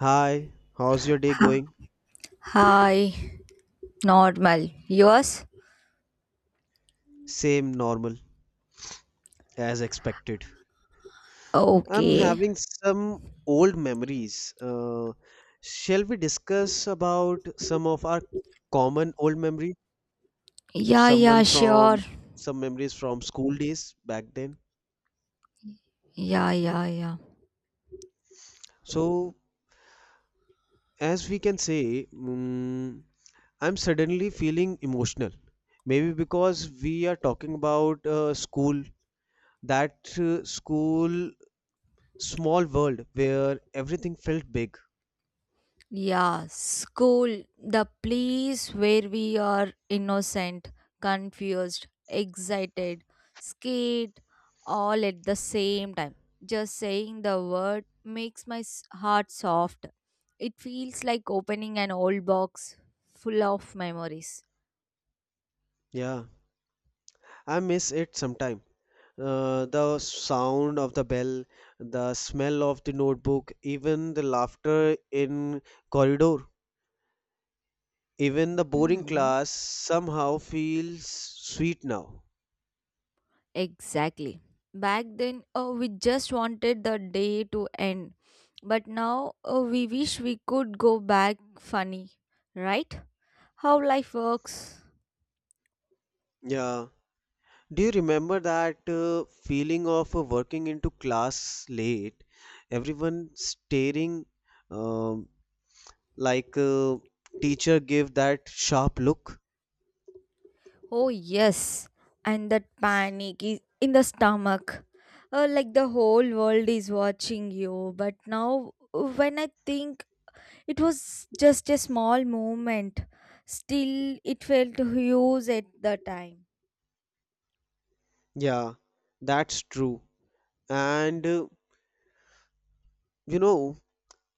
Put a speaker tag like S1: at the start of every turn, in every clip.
S1: Hi, how's your day going?
S2: Hi, normal. Yours?
S1: Same normal, as expected. I'm
S2: Okay.
S1: having some old memories. Shall we discuss about some of our common old memories?
S2: Yeah, yeah,
S1: Someone from
S2: sure.
S1: some memories from school days back then.
S2: Yeah, yeah, yeah.
S1: So, as we can say, mm I'm suddenly feeling emotional. Maybe because we are talking about school. That school small world where everything felt big.
S2: Yeah, school, the place where we are innocent, confused, excited, scared, all at the same time. Just saying the word makes my heart soft. It feels like opening an old box full of memories.
S1: Yeah, I miss it sometime. The sound of the bell, the smell of the notebook, even the laughter in corridor, even the boring
S2: Hmm.
S1: class somehow feels sweet now.
S2: Exactly. Back then, we just wanted the day to end. But now, we wish we could go back funny, right? How life works.
S1: Yeah. Do you remember that feeling of working into class late? Everyone staring um, like teacher gave that sharp look.
S2: Oh, yes. And that panic is in the stomach. Like the whole world is watching you. But now, when I think it was just a small moment, still, it felt huge at the time.
S1: Yeah, that's true. And you know,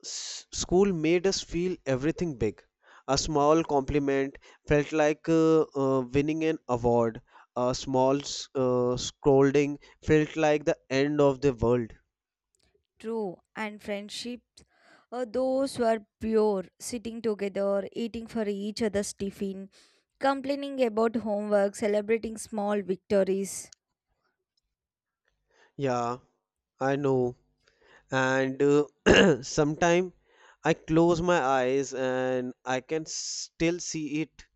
S1: s school made us feel everything big. A small compliment felt like winning an award. A small scolding felt like the end of the world.
S2: True, and friendships, those were pure, sitting together, eating for each other's tiffin, complaining about homework, celebrating small victories.
S1: Yeah, I know. And sometime I close my eyes and I can still see it,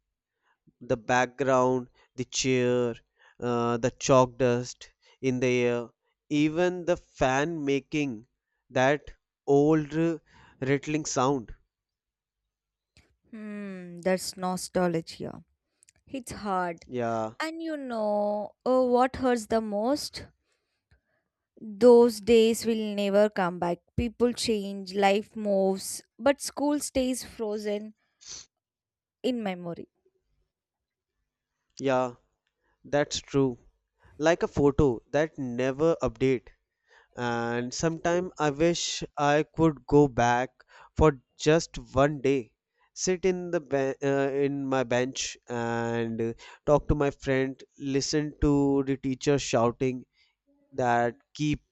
S1: the background, the chair, the chalk dust in the air, even the fan making that old rattling sound.
S2: That's nostalgia. It's hard.
S1: Yeah,
S2: And you know what hurts the most? Those days will never come back. People change, life moves, but school stays frozen in memory.
S1: yeah, that's true. Like a photo that never update. And sometime I wish I could go back for just one day, sit in the in my bench and talk to my friend, listen to the teacher shouting that keep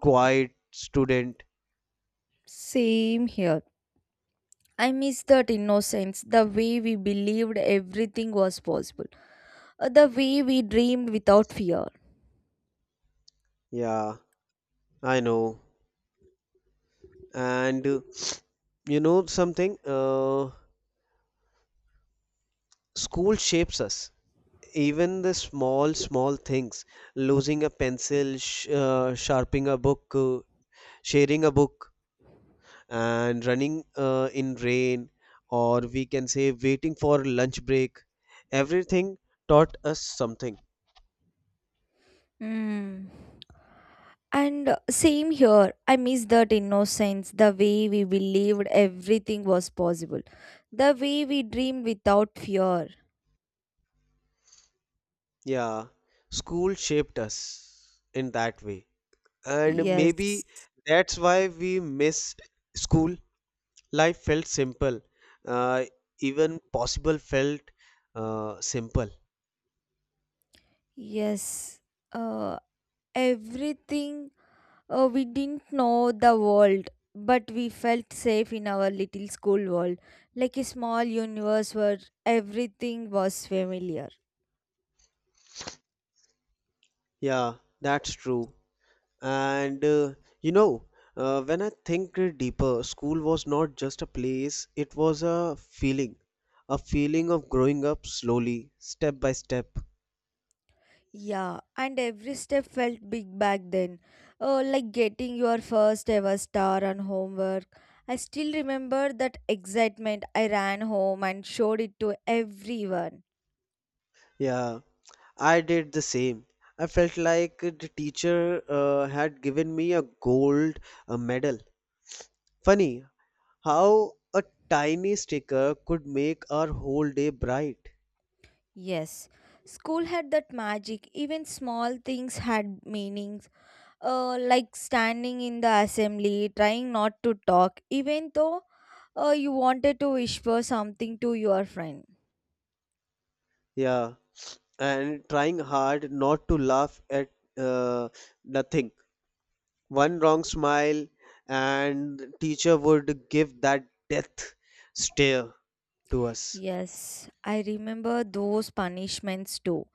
S1: quiet student.
S2: Same here. I miss that innocence, the way we believed everything was possible, the way we dreamed without fear.
S1: Yeah, I know. And you know something? School shapes us. Even the small, small things, losing a pencil, sharing a book, and running in rain, or we can say waiting for lunch break. Everything taught us something.
S2: Mm. And same here, I miss that innocence, the way we believed everything was possible, the way we dreamed without fear.
S1: Yeah, school shaped us in that way. And
S2: Yes,
S1: maybe that's why we miss school. Life felt simple. Uh, Even possible felt simple.
S2: yes, uh, everything we didn't know the world, but we felt safe in our little school world, like a small universe where everything was familiar.
S1: Yeah, that's true. And you know, when I think deeper, school was not just a place, it was a feeling. A feeling of growing up slowly, step by step.
S2: Yeah, and every step felt big back then. Oh, like getting your first ever star on homework. I still remember that excitement. I ran home and showed it to everyone.
S1: Yeah, I did the same. I felt like the teacher had given me a gold medal. Funny how a tiny sticker could make our whole day bright.
S2: Yes, school had that magic. Even small things had meaning, like standing in the assembly, trying not to talk, even though you wanted to whisper something to your friend.
S1: Yeah, and trying hard not to laugh at uh, nothing. One wrong smile, and teacher would give that death stare to us.
S2: Yes, I remember those punishments too.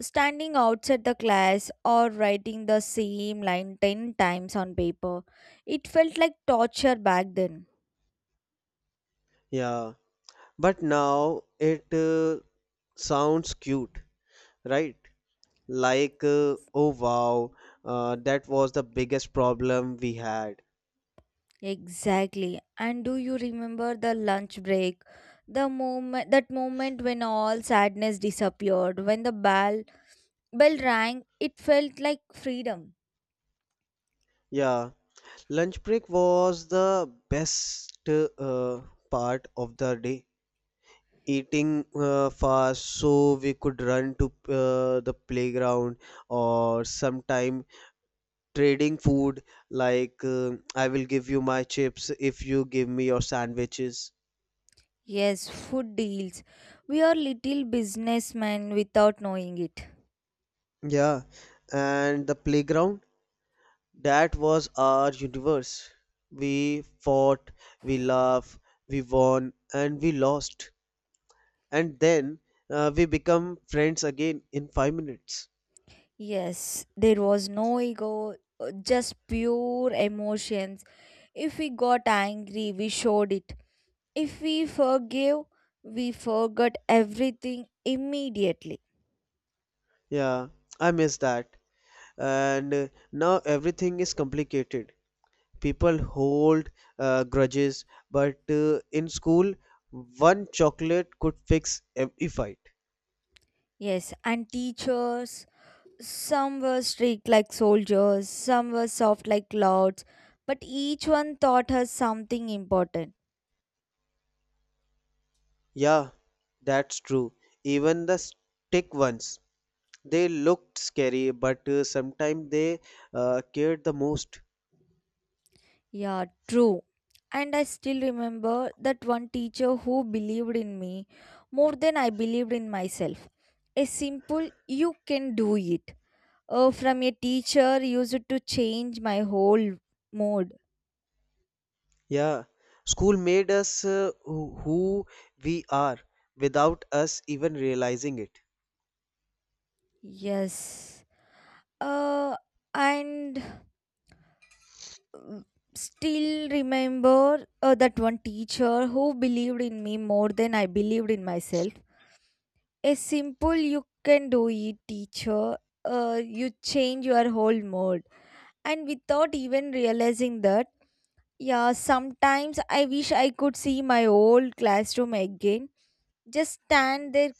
S2: Standing outside the class or writing the same line 10 times on paper. It felt like torture back then.
S1: Yeah, but now it sounds cute, right? Like, oh wow, that was the biggest problem we had.
S2: Exactly. And do you remember the lunch break? The moment when all sadness disappeared, when the bell rang, it felt like freedom.
S1: Yeah, lunch break was the best part of the day. Eating fast so we could run to the playground, or sometime trading food like, I will give you my chips if you give me your sandwiches.
S2: Yes, food deals. We are little businessmen without knowing it.
S1: Yeah, and the playground, that was our universe. We fought, we laughed, we won, and we lost. And then we become friends again in 5 minutes.
S2: Yes, there was no ego, just pure emotions. If we got angry, we showed it. If we forgave, we forgot everything immediately.
S1: Yeah, I miss that. And now everything is complicated. People hold grudges, but in school, one chocolate could fix every fight.
S2: Yes, and teachers, some were strict like soldiers, some were soft like clouds, but each one taught us something important.
S1: Yeah, that's true. Even the stick ones, they looked scary, but sometimes they cared the most.
S2: Yeah, true. And I still remember that one teacher who believed in me more than I believed in myself. A simple, you can do it. From a teacher used to change my whole mood.
S1: Yeah, school made us who we are without us even realizing it.
S2: Yes. Uh, and uh, still remember that one teacher who believed in me more than I believed in myself. Is simple you can do it teacher, you change your whole mood and without even realizing that. Yeah, sometimes I wish I could see my old classroom again, just stand there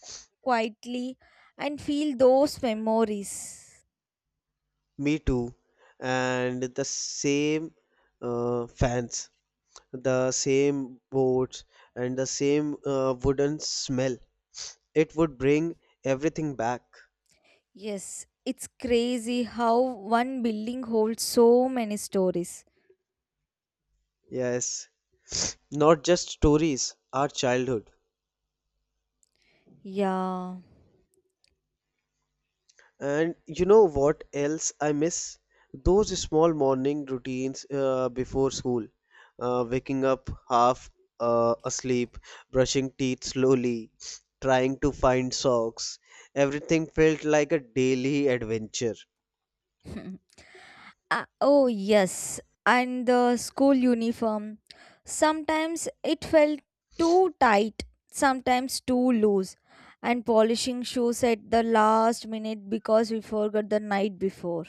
S2: quietly and feel those memories.
S1: Me too. And the same fans, the same boards, and the same wooden smell. It would bring everything back.
S2: Yes, it's crazy how one building holds so many stories.
S1: Yes, not just stories, our childhood.
S2: Yeah.
S1: And you know what else I miss? Those small morning routines before school. Waking up half asleep, brushing teeth slowly, trying to find socks. Everything felt like a daily adventure.
S2: Oh, yes. And the school uniform. Sometimes it felt too tight, sometimes too loose. And polishing shoes at the last minute because we forgot the night before.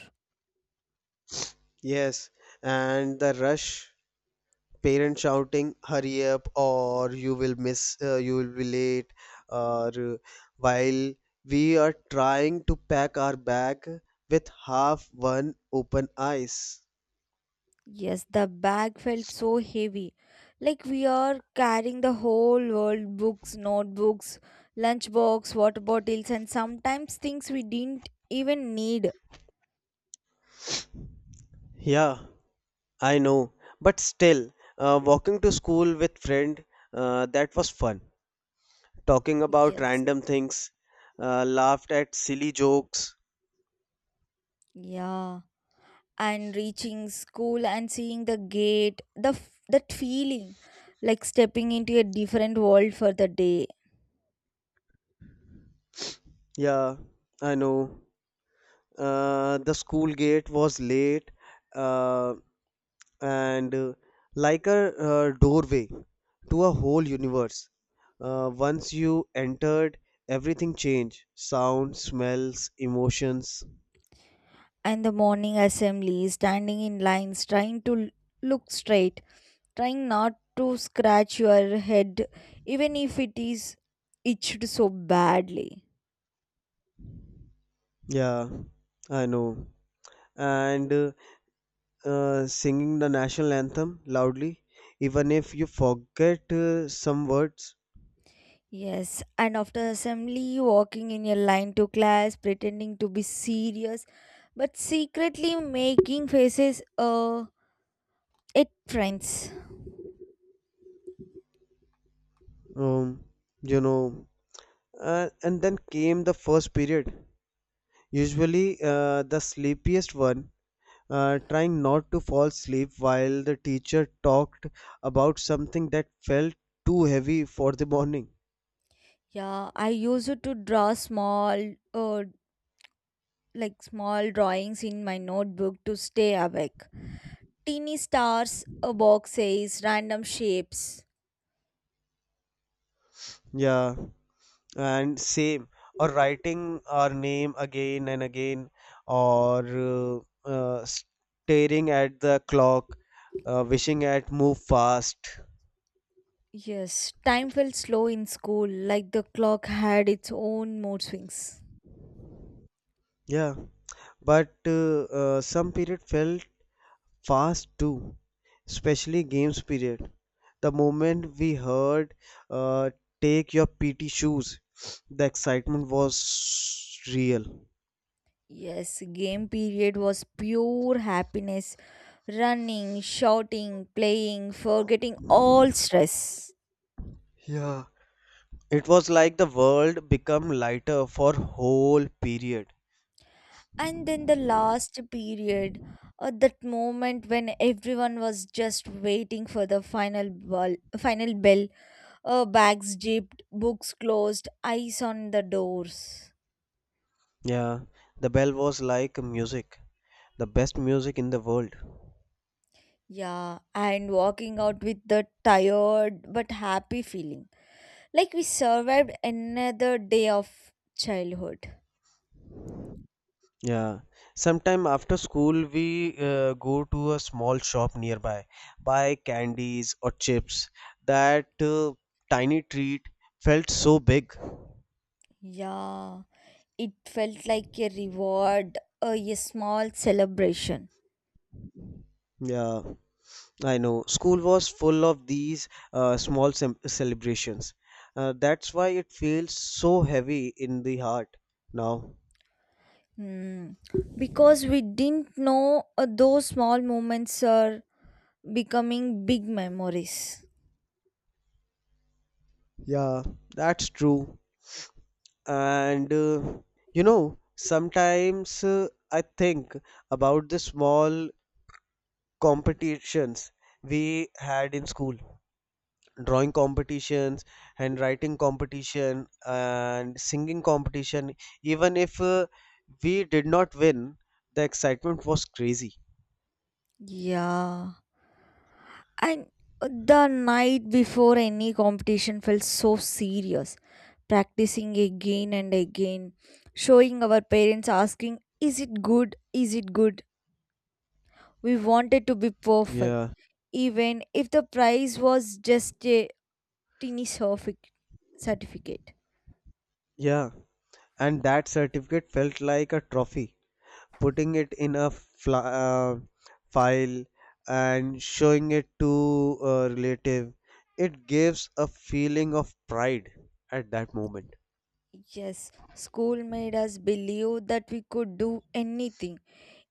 S1: Yes, and the rush, parents shouting hurry up or you will be late, or uh, while we are trying to pack our bag with half one open eyes.
S2: Yes, the bag felt so heavy. Like we are carrying the whole world, books, notebooks, lunchbox, water bottles, and sometimes things we didn't even need.
S1: Yeah, I know, but still walking to school with friend, that was fun, talking about
S2: Yes.
S1: random things, laughed at silly jokes.
S2: Yeah. And reaching school and seeing the gate, that feeling, like stepping into a different world for the day.
S1: Yeah, I know, the school gate was late, uh, and like a doorway to a whole universe. Once you entered, everything changed: sound, smells, emotions.
S2: And the morning assembly, standing in lines, trying to look straight, trying not to scratch your head even if it is itched so badly.
S1: Yeah, I know. And singing the national anthem loudly, even if you forget some words,
S2: Yes, and after assembly walking in a line to class pretending to be serious but secretly making faces at friends.
S1: um, you know. And then came the first period, usually the sleepiest one, trying not to fall asleep while the teacher talked about something that felt too heavy for the morning.
S2: Yeah, I used to draw small, like small drawings in my notebook to stay awake. Teeny stars, boxes, random shapes.
S1: Yeah, and same. Or writing our name again and again, or staring at the clock, wishing it move fast.
S2: Yes, time felt slow in school, like the clock had its own mood swings.
S1: Yeah, but some period felt fast too, especially games period. The moment we heard, uh, take your PT shoes, the excitement was real.
S2: Yes, game period was pure happiness. Running, shouting, playing, forgetting all stress.
S1: Yeah. It was like the world become lighter for whole period.
S2: And then the last period, that moment when everyone was just waiting for the final bell. Bags jipped, books closed, eyes on the doors.
S1: Yeah, the bell was like music, the best music in the world.
S2: Yeah, and walking out with the tired but happy feeling, like we survived another day of childhood.
S1: Yeah, sometime after school we go to a small shop nearby, buy candies or chips. That tiny treat felt so big.
S2: Yeah, it felt like a reward, a small celebration.
S1: Yeah, I know. School was full of these small celebrations. That's why it feels so heavy in the heart now.
S2: Hmm. Because we didn't know those small moments are becoming big memories.
S1: Yeah, that's true. And you know, sometimes I think about the small competitions we had in school. Drawing competitions, handwriting competition, and singing competition. Even if we did not win, the excitement was crazy.
S2: Yeah. And the night before any competition felt so serious. Practicing again and again, showing our parents asking, Is it good? Is it good? We wanted to be perfect,
S1: Yeah,
S2: even if the prize was just a teeny certificate.
S1: yeah. And that certificate felt like a trophy. Putting it in a fla uh, file and showing it to a relative, it gives a feeling of pride at that moment.
S2: Yes, school made us believe that we could do anything.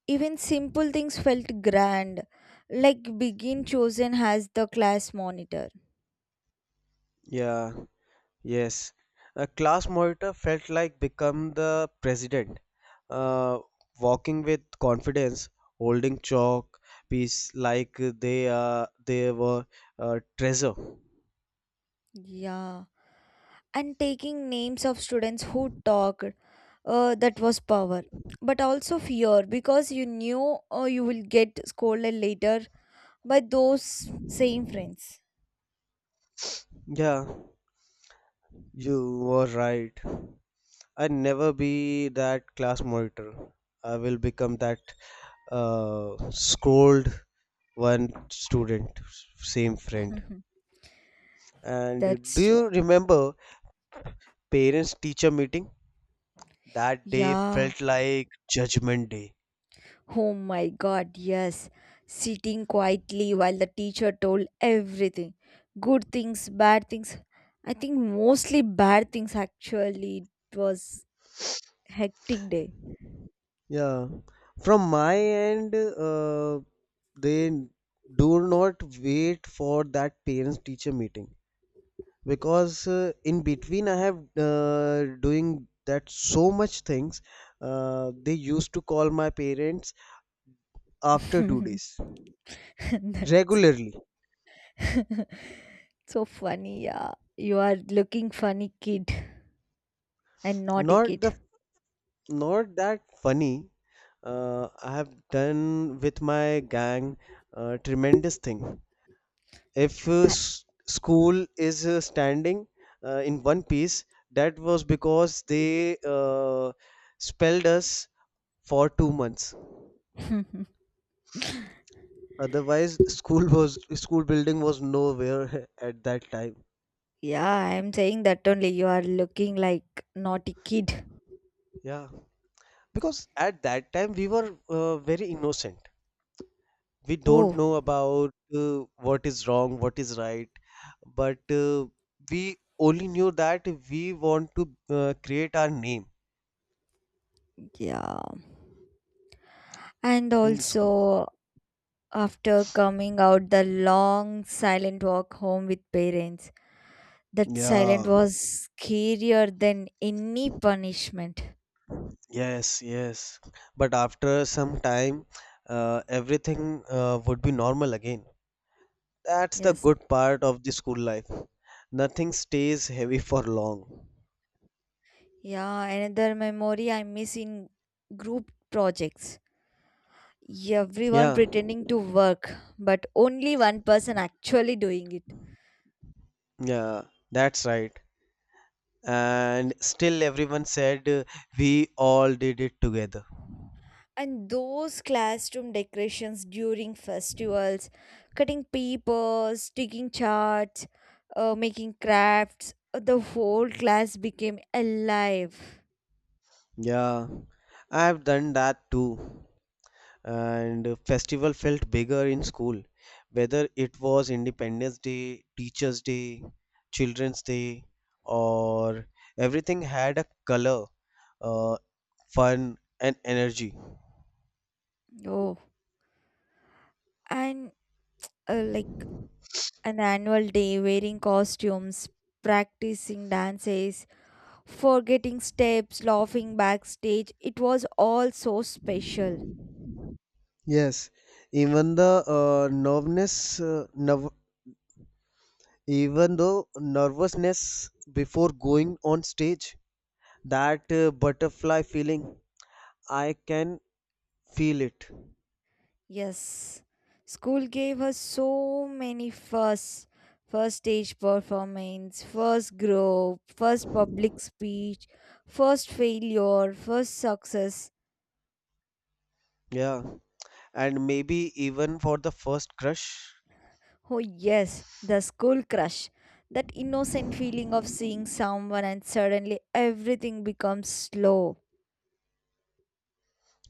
S2: Even simple things felt grand, like being chosen as the class monitor.
S1: Yeah, yes. A class monitor felt like become the president, uh, walking with confidence, holding chalk piece like they were a treasure.
S2: Yeah, and taking names of students who talked, that was power. But also fear because you knew you will get scolded later by those same friends.
S1: Yeah. You were right. I never be that class monitor. I will become that scold one student, same friend. And do
S2: That's true.
S1: you remember parents teacher meeting? That day
S2: Yeah.
S1: felt like judgment day.
S2: Oh my god, yes. Sitting quietly while the teacher told everything, good things, bad things. I think mostly bad things actually. It was hectic day.
S1: Yeah. From my end, they do not wait for that parents teacher meeting because in between I have doing that so much things, they used to call my parents after two days
S2: That's
S1: regularly.
S2: so funny, yeah. You are looking funny kid and naughty
S1: Not the
S2: kid.
S1: not that funny, I have done with my gang tremendous thing. If school is standing in one piece, that was because they spelled us for 2 months.
S2: I-
S1: Otherwise, school was school building was nowhere at that time.
S2: yeah, I am saying that only you are looking like naughty kid.
S1: Yeah, because at that time we were very innocent. We don't
S2: Oh,
S1: know about what is wrong, what is right, but we only knew that we want to create our name
S2: yeah. And
S1: in the school.
S2: also after coming out the long silent walk home with parents, that silent
S1: Yeah,
S2: was scarier than any punishment.
S1: yes, yes. But after some time, everything would be normal again. That's the
S2: Yes.
S1: good part of the school life. Nothing stays heavy for long.
S2: Yeah, another memory I miss in group projects. Everyone
S1: Yeah,
S2: pretending to work, but only one person actually doing it.
S1: yeah, that's right. And still, everyone said we all did it together.
S2: And those classroom decorations during festivals, cutting papers, sticking charts, making crafts, the whole class became alive.
S1: Yeah, I've done that too. And festival felt bigger in school, whether it was Independence Day, Teachers' Day, Children's Day, or everything had a color, uh, fun, and energy.
S2: Oh, and like an annual day, wearing costumes, practicing dances, forgetting steps, laughing backstage, it was all so special.
S1: Yes, even the even though nervousness before going on stage, that butterfly feeling, I can feel it.
S2: Yes, school gave her so many firsts: first stage performance, first group, first public speech, first failure, first success.
S1: Yeah, and maybe even for the first crush.
S2: Oh, yes, the school crush. That innocent feeling of seeing someone and suddenly everything becomes slow.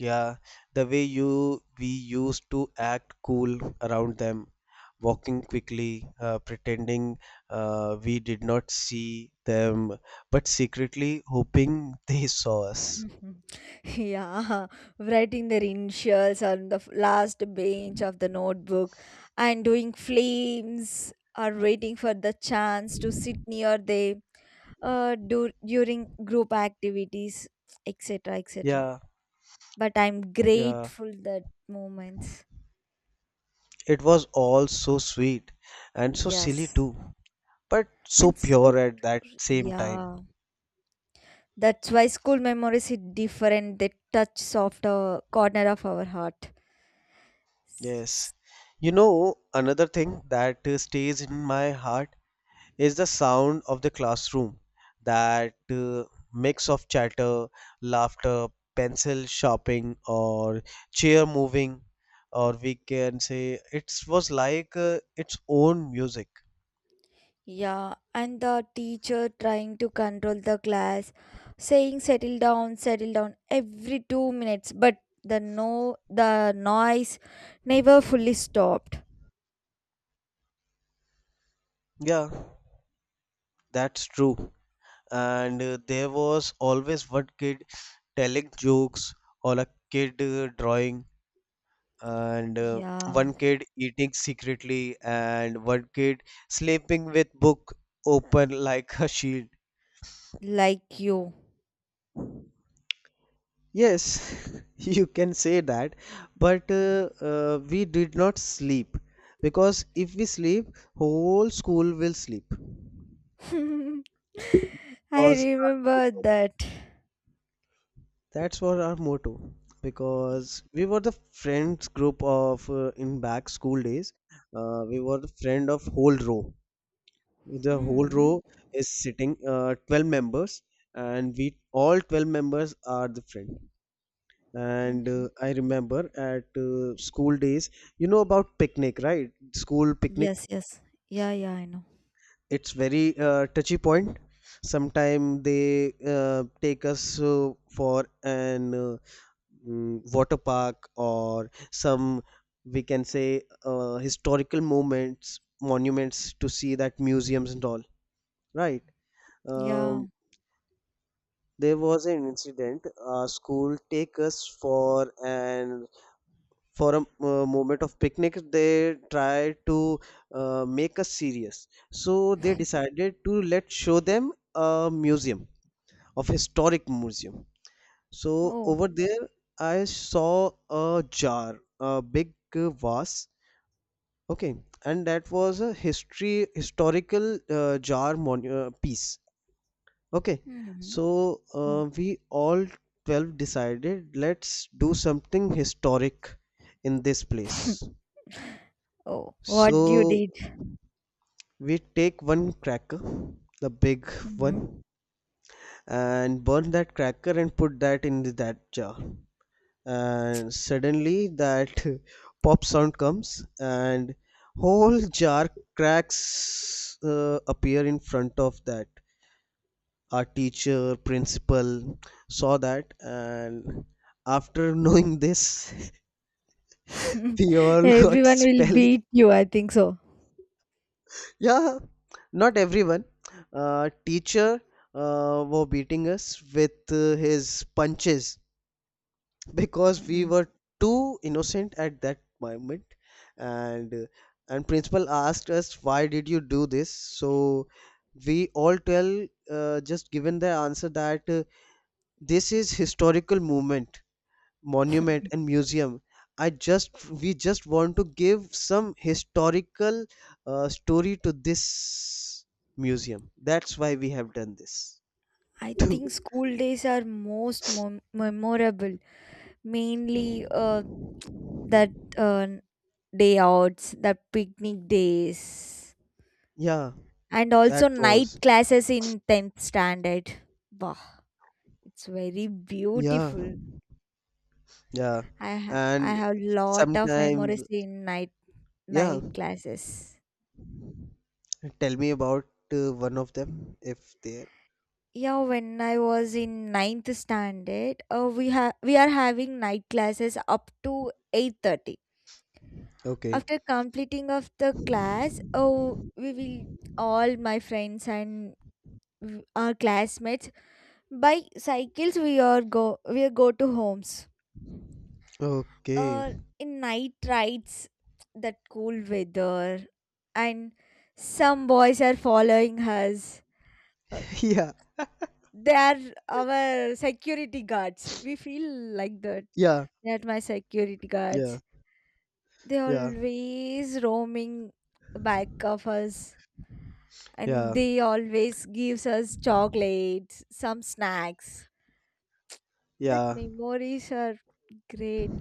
S1: Yeah, the way you we used to act cool around them, walking quickly, pretending we did not see them, but secretly hoping they saw us.
S2: yeah, writing their initials on the last page of the notebook and doing flames or waiting for the chance to sit near them, during group activities, etc. etc.
S1: Yeah.
S2: But I'm
S1: Yeah,
S2: grateful that moments.
S1: it was all so sweet and so
S2: Yes.
S1: silly too, but so
S2: And so
S1: pure at that
S2: pure.
S1: same time.
S2: Yeah. That's why school memories hit different. They touch softer corner of our heart.
S1: Yes. You know, another thing that stays in my heart is the sound of the classroom. That mix of chatter, laughter, pencil sharpening, or chair moving, or we can say it was like its own music.
S2: Yeah, and the teacher trying to control the class, saying settle down every 2 minutes, but the noise never fully stopped.
S1: Yeah, that's true. And there was always one kid telling jokes, or a kid drawing, and
S2: Yeah,
S1: one kid eating secretly, and one kid sleeping with book open like a shield.
S2: like you.
S1: Yes, you can say that, but we did not sleep, because if we sleep whole school will sleep
S2: I
S1: was our
S2: remember
S1: motto.
S2: that.
S1: That's what our motto, because we were the friends group of in back school days. We were the friend of whole row. The whole
S2: Hmm.
S1: row is sitting 12 members, and we all 12 members are the friend. And
S2: Mhm.
S1: I remember at school days, you know about picnic, right? School picnic.
S2: Yes, yes. Yeah, yeah, I know.
S1: It's very touchy point. Sometimes they take us for an water park, or some, we can say historical moments monuments to see, that museums and all, right.
S2: Yeah.
S1: Um. There was an incident. Our school take us for an for a moment of picnic. They tried to make us serious, so they decided to let show them a museum of historic museum. So
S2: Oh.
S1: over there, I saw a jar, a big vase. Okay, and that was a history historical jar piece. Okay,
S2: Hmm.
S1: so
S2: Yeah.
S1: we all 12 decided let's do something historic in this place.
S2: Oh, what you
S1: So
S2: did.
S1: we take one cracker, the big
S2: Mhm.
S1: one, and burn that cracker and put that in that jar. And suddenly that pop sound comes and whole jar cracks appear in front of that our teacher, principal saw that, and after knowing this, we all got
S2: Everyone will
S1: spell.
S2: beat you, I think so.
S1: Yeah, not everyone. Teacher were beating us with his punches because we were too innocent at that moment, and uh, and principal asked us why did you do this? So we all tell just given the answer that this is historical movement monument and museum. I just we just want to give some historical story to this museum, that's why we have done this.
S2: I think school days are most memorable, mainly that uh, day outs, that picnic days,
S1: Yeah,
S2: and
S1: that
S2: also
S1: was
S2: night classes in 10th standard. Wow, it's very
S1: yeah,
S2: beautiful.
S1: yeah,
S2: I have I
S1: and
S2: have lot of
S1: sometimes
S2: memories in night
S1: yeah,
S2: night classes.
S1: tell me about one of them if there.
S2: Yeah, when I was in ninth standard, we are having night classes up to 8:30.
S1: Okay.
S2: After completing of the class, oh, we will all my friends and our classmates by cycles. We are go to homes.
S1: Okay.
S2: Uh, in night rides, that cool weather, and some boys are following us. Uh,
S1: Yeah,
S2: they are our security guards. We feel like that.
S1: yeah,
S2: That my security
S1: yeah,
S2: guards, they
S1: yeah,
S2: always roaming back of us, and
S1: yeah,
S2: they always gives us chocolates, some snacks. That
S1: yeah,
S2: memories are great.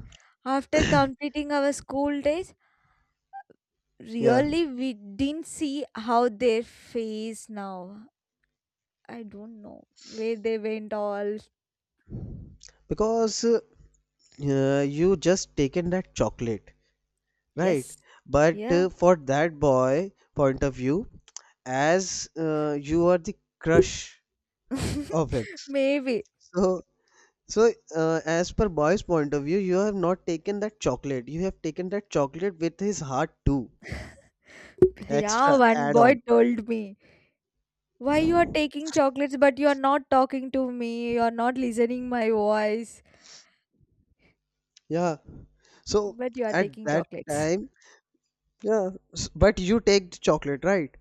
S2: After completing our school days,
S1: yeah,
S2: really we didn't see how their face now. I don't know where they went all.
S1: because you just taken that chocolate, right?
S2: Yes.
S1: But
S2: Yeah.
S1: for that boy point of view, as you are the crush of him,
S2: Maybe.
S1: so so as per boy's point of view, you have not taken that chocolate. You have taken that chocolate with his heart too,
S2: Yeah,
S1: extra
S2: one
S1: add
S2: boy
S1: on.
S2: told me, why you are taking chocolates, but you are not talking to me, you are not listening my voice,
S1: Yeah. So
S2: but you are
S1: at
S2: taking
S1: that
S2: chocolates?
S1: time, yeah. But you take the chocolate, right?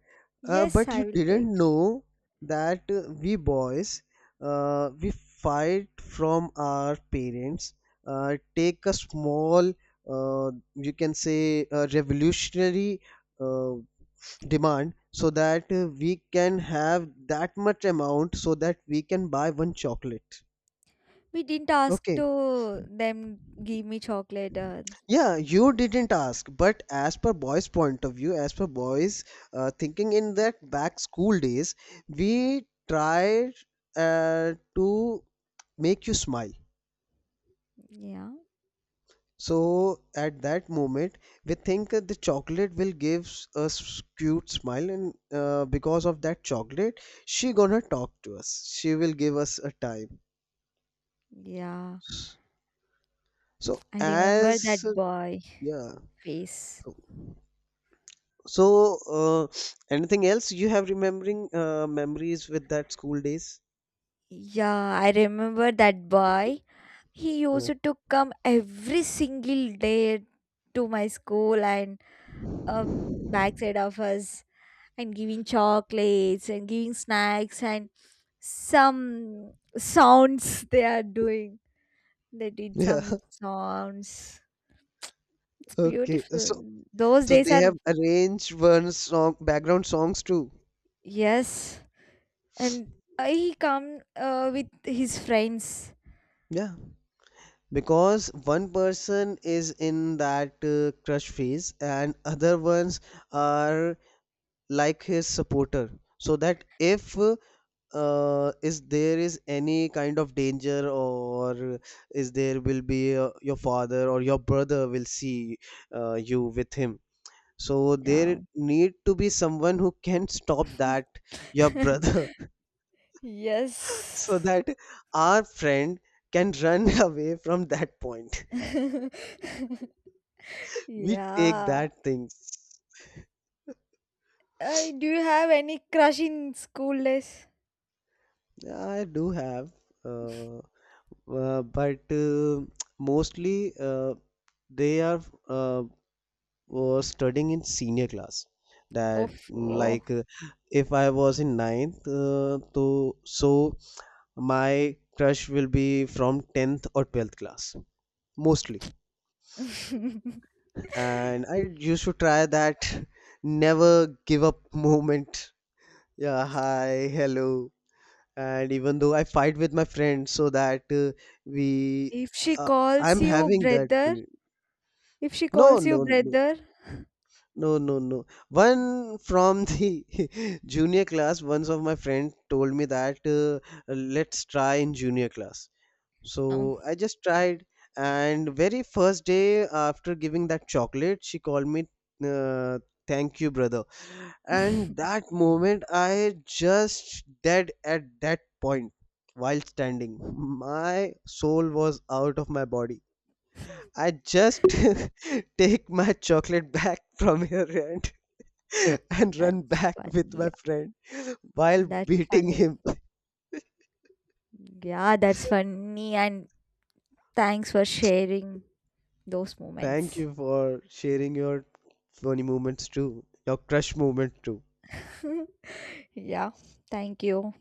S2: Yes,
S1: But
S2: I
S1: you
S2: will take
S1: didn't
S2: cho-
S1: know that we boys, we fight from our parents, take a small, you can say, a revolutionary uh, demand so that we can have that much amount so that we can buy one chocolate.
S2: We didn't ask
S1: Okay.
S2: to them, give me chocolate,
S1: Yeah, you didn't ask, but as per boys' point of view, as per boys' thinking in that back school days, we tried to make you smile.
S2: yeah.
S1: So at that moment, we think that the chocolate will give a cute smile, and because of that chocolate, she gonna talk to us. She will give us a time.
S2: Yeah,
S1: So
S2: I remember
S1: as
S2: that boy
S1: yeah,
S2: face.
S1: so. So, anything else you have remembering memories with that school days?
S2: Yeah, I remember that boy. He
S1: Uh,
S2: used to come every single day to my school and uh, backside of us and giving chocolates and giving snacks and some sounds they are doing. They did
S1: yeah.
S2: some sounds. It's
S1: Okay.
S2: beautiful.
S1: So,
S2: Those
S1: so
S2: days
S1: they
S2: are,
S1: have arranged one song background songs too.
S2: yes, and he come with his friends.
S1: Yeah. Because one person is in that crush phase and other ones are like his supporter. So that if is there is any kind of danger or is there will be your father or your brother will see you with him, so there
S2: Yeah.
S1: need to be someone who can stop that your brother. So
S2: Yes.
S1: that our friend can run away from that point, we take
S2: Yeah.
S1: that things.
S2: I Do you have any crush in school days?
S1: Yeah, I do have uh, but mostly they are uh, was studying in senior class, that
S2: Of
S1: mm,
S2: oh.
S1: like if I was in ninth, to so my crush will be from 10th or 12th class mostly, and I used to try that never give up moment, yeah, hi hello, and even though I fight with my friends so that we
S2: If she
S1: uh,
S2: calls
S1: I'm
S2: you
S1: having that.
S2: brother, If she
S1: No,
S2: calls you
S1: no, no.
S2: brother,
S1: No. One from the junior class, once of my friend told me that let's try in junior class.
S2: Oh.
S1: So I just tried, and very first day after giving that chocolate, she called me, uh, "Thank you, brother." And that moment, I just dead at that point while standing. My soul was out of my body. I just take my chocolate back from her hand and run
S2: that's
S1: back
S2: funny.
S1: with my
S2: Yeah,
S1: friend while
S2: that's
S1: beating
S2: funny.
S1: him.
S2: Yeah, that's funny. And thanks for sharing those
S1: Thank
S2: moments.
S1: you for sharing your funny moments too, your crush moment too.
S2: yeah, thank you.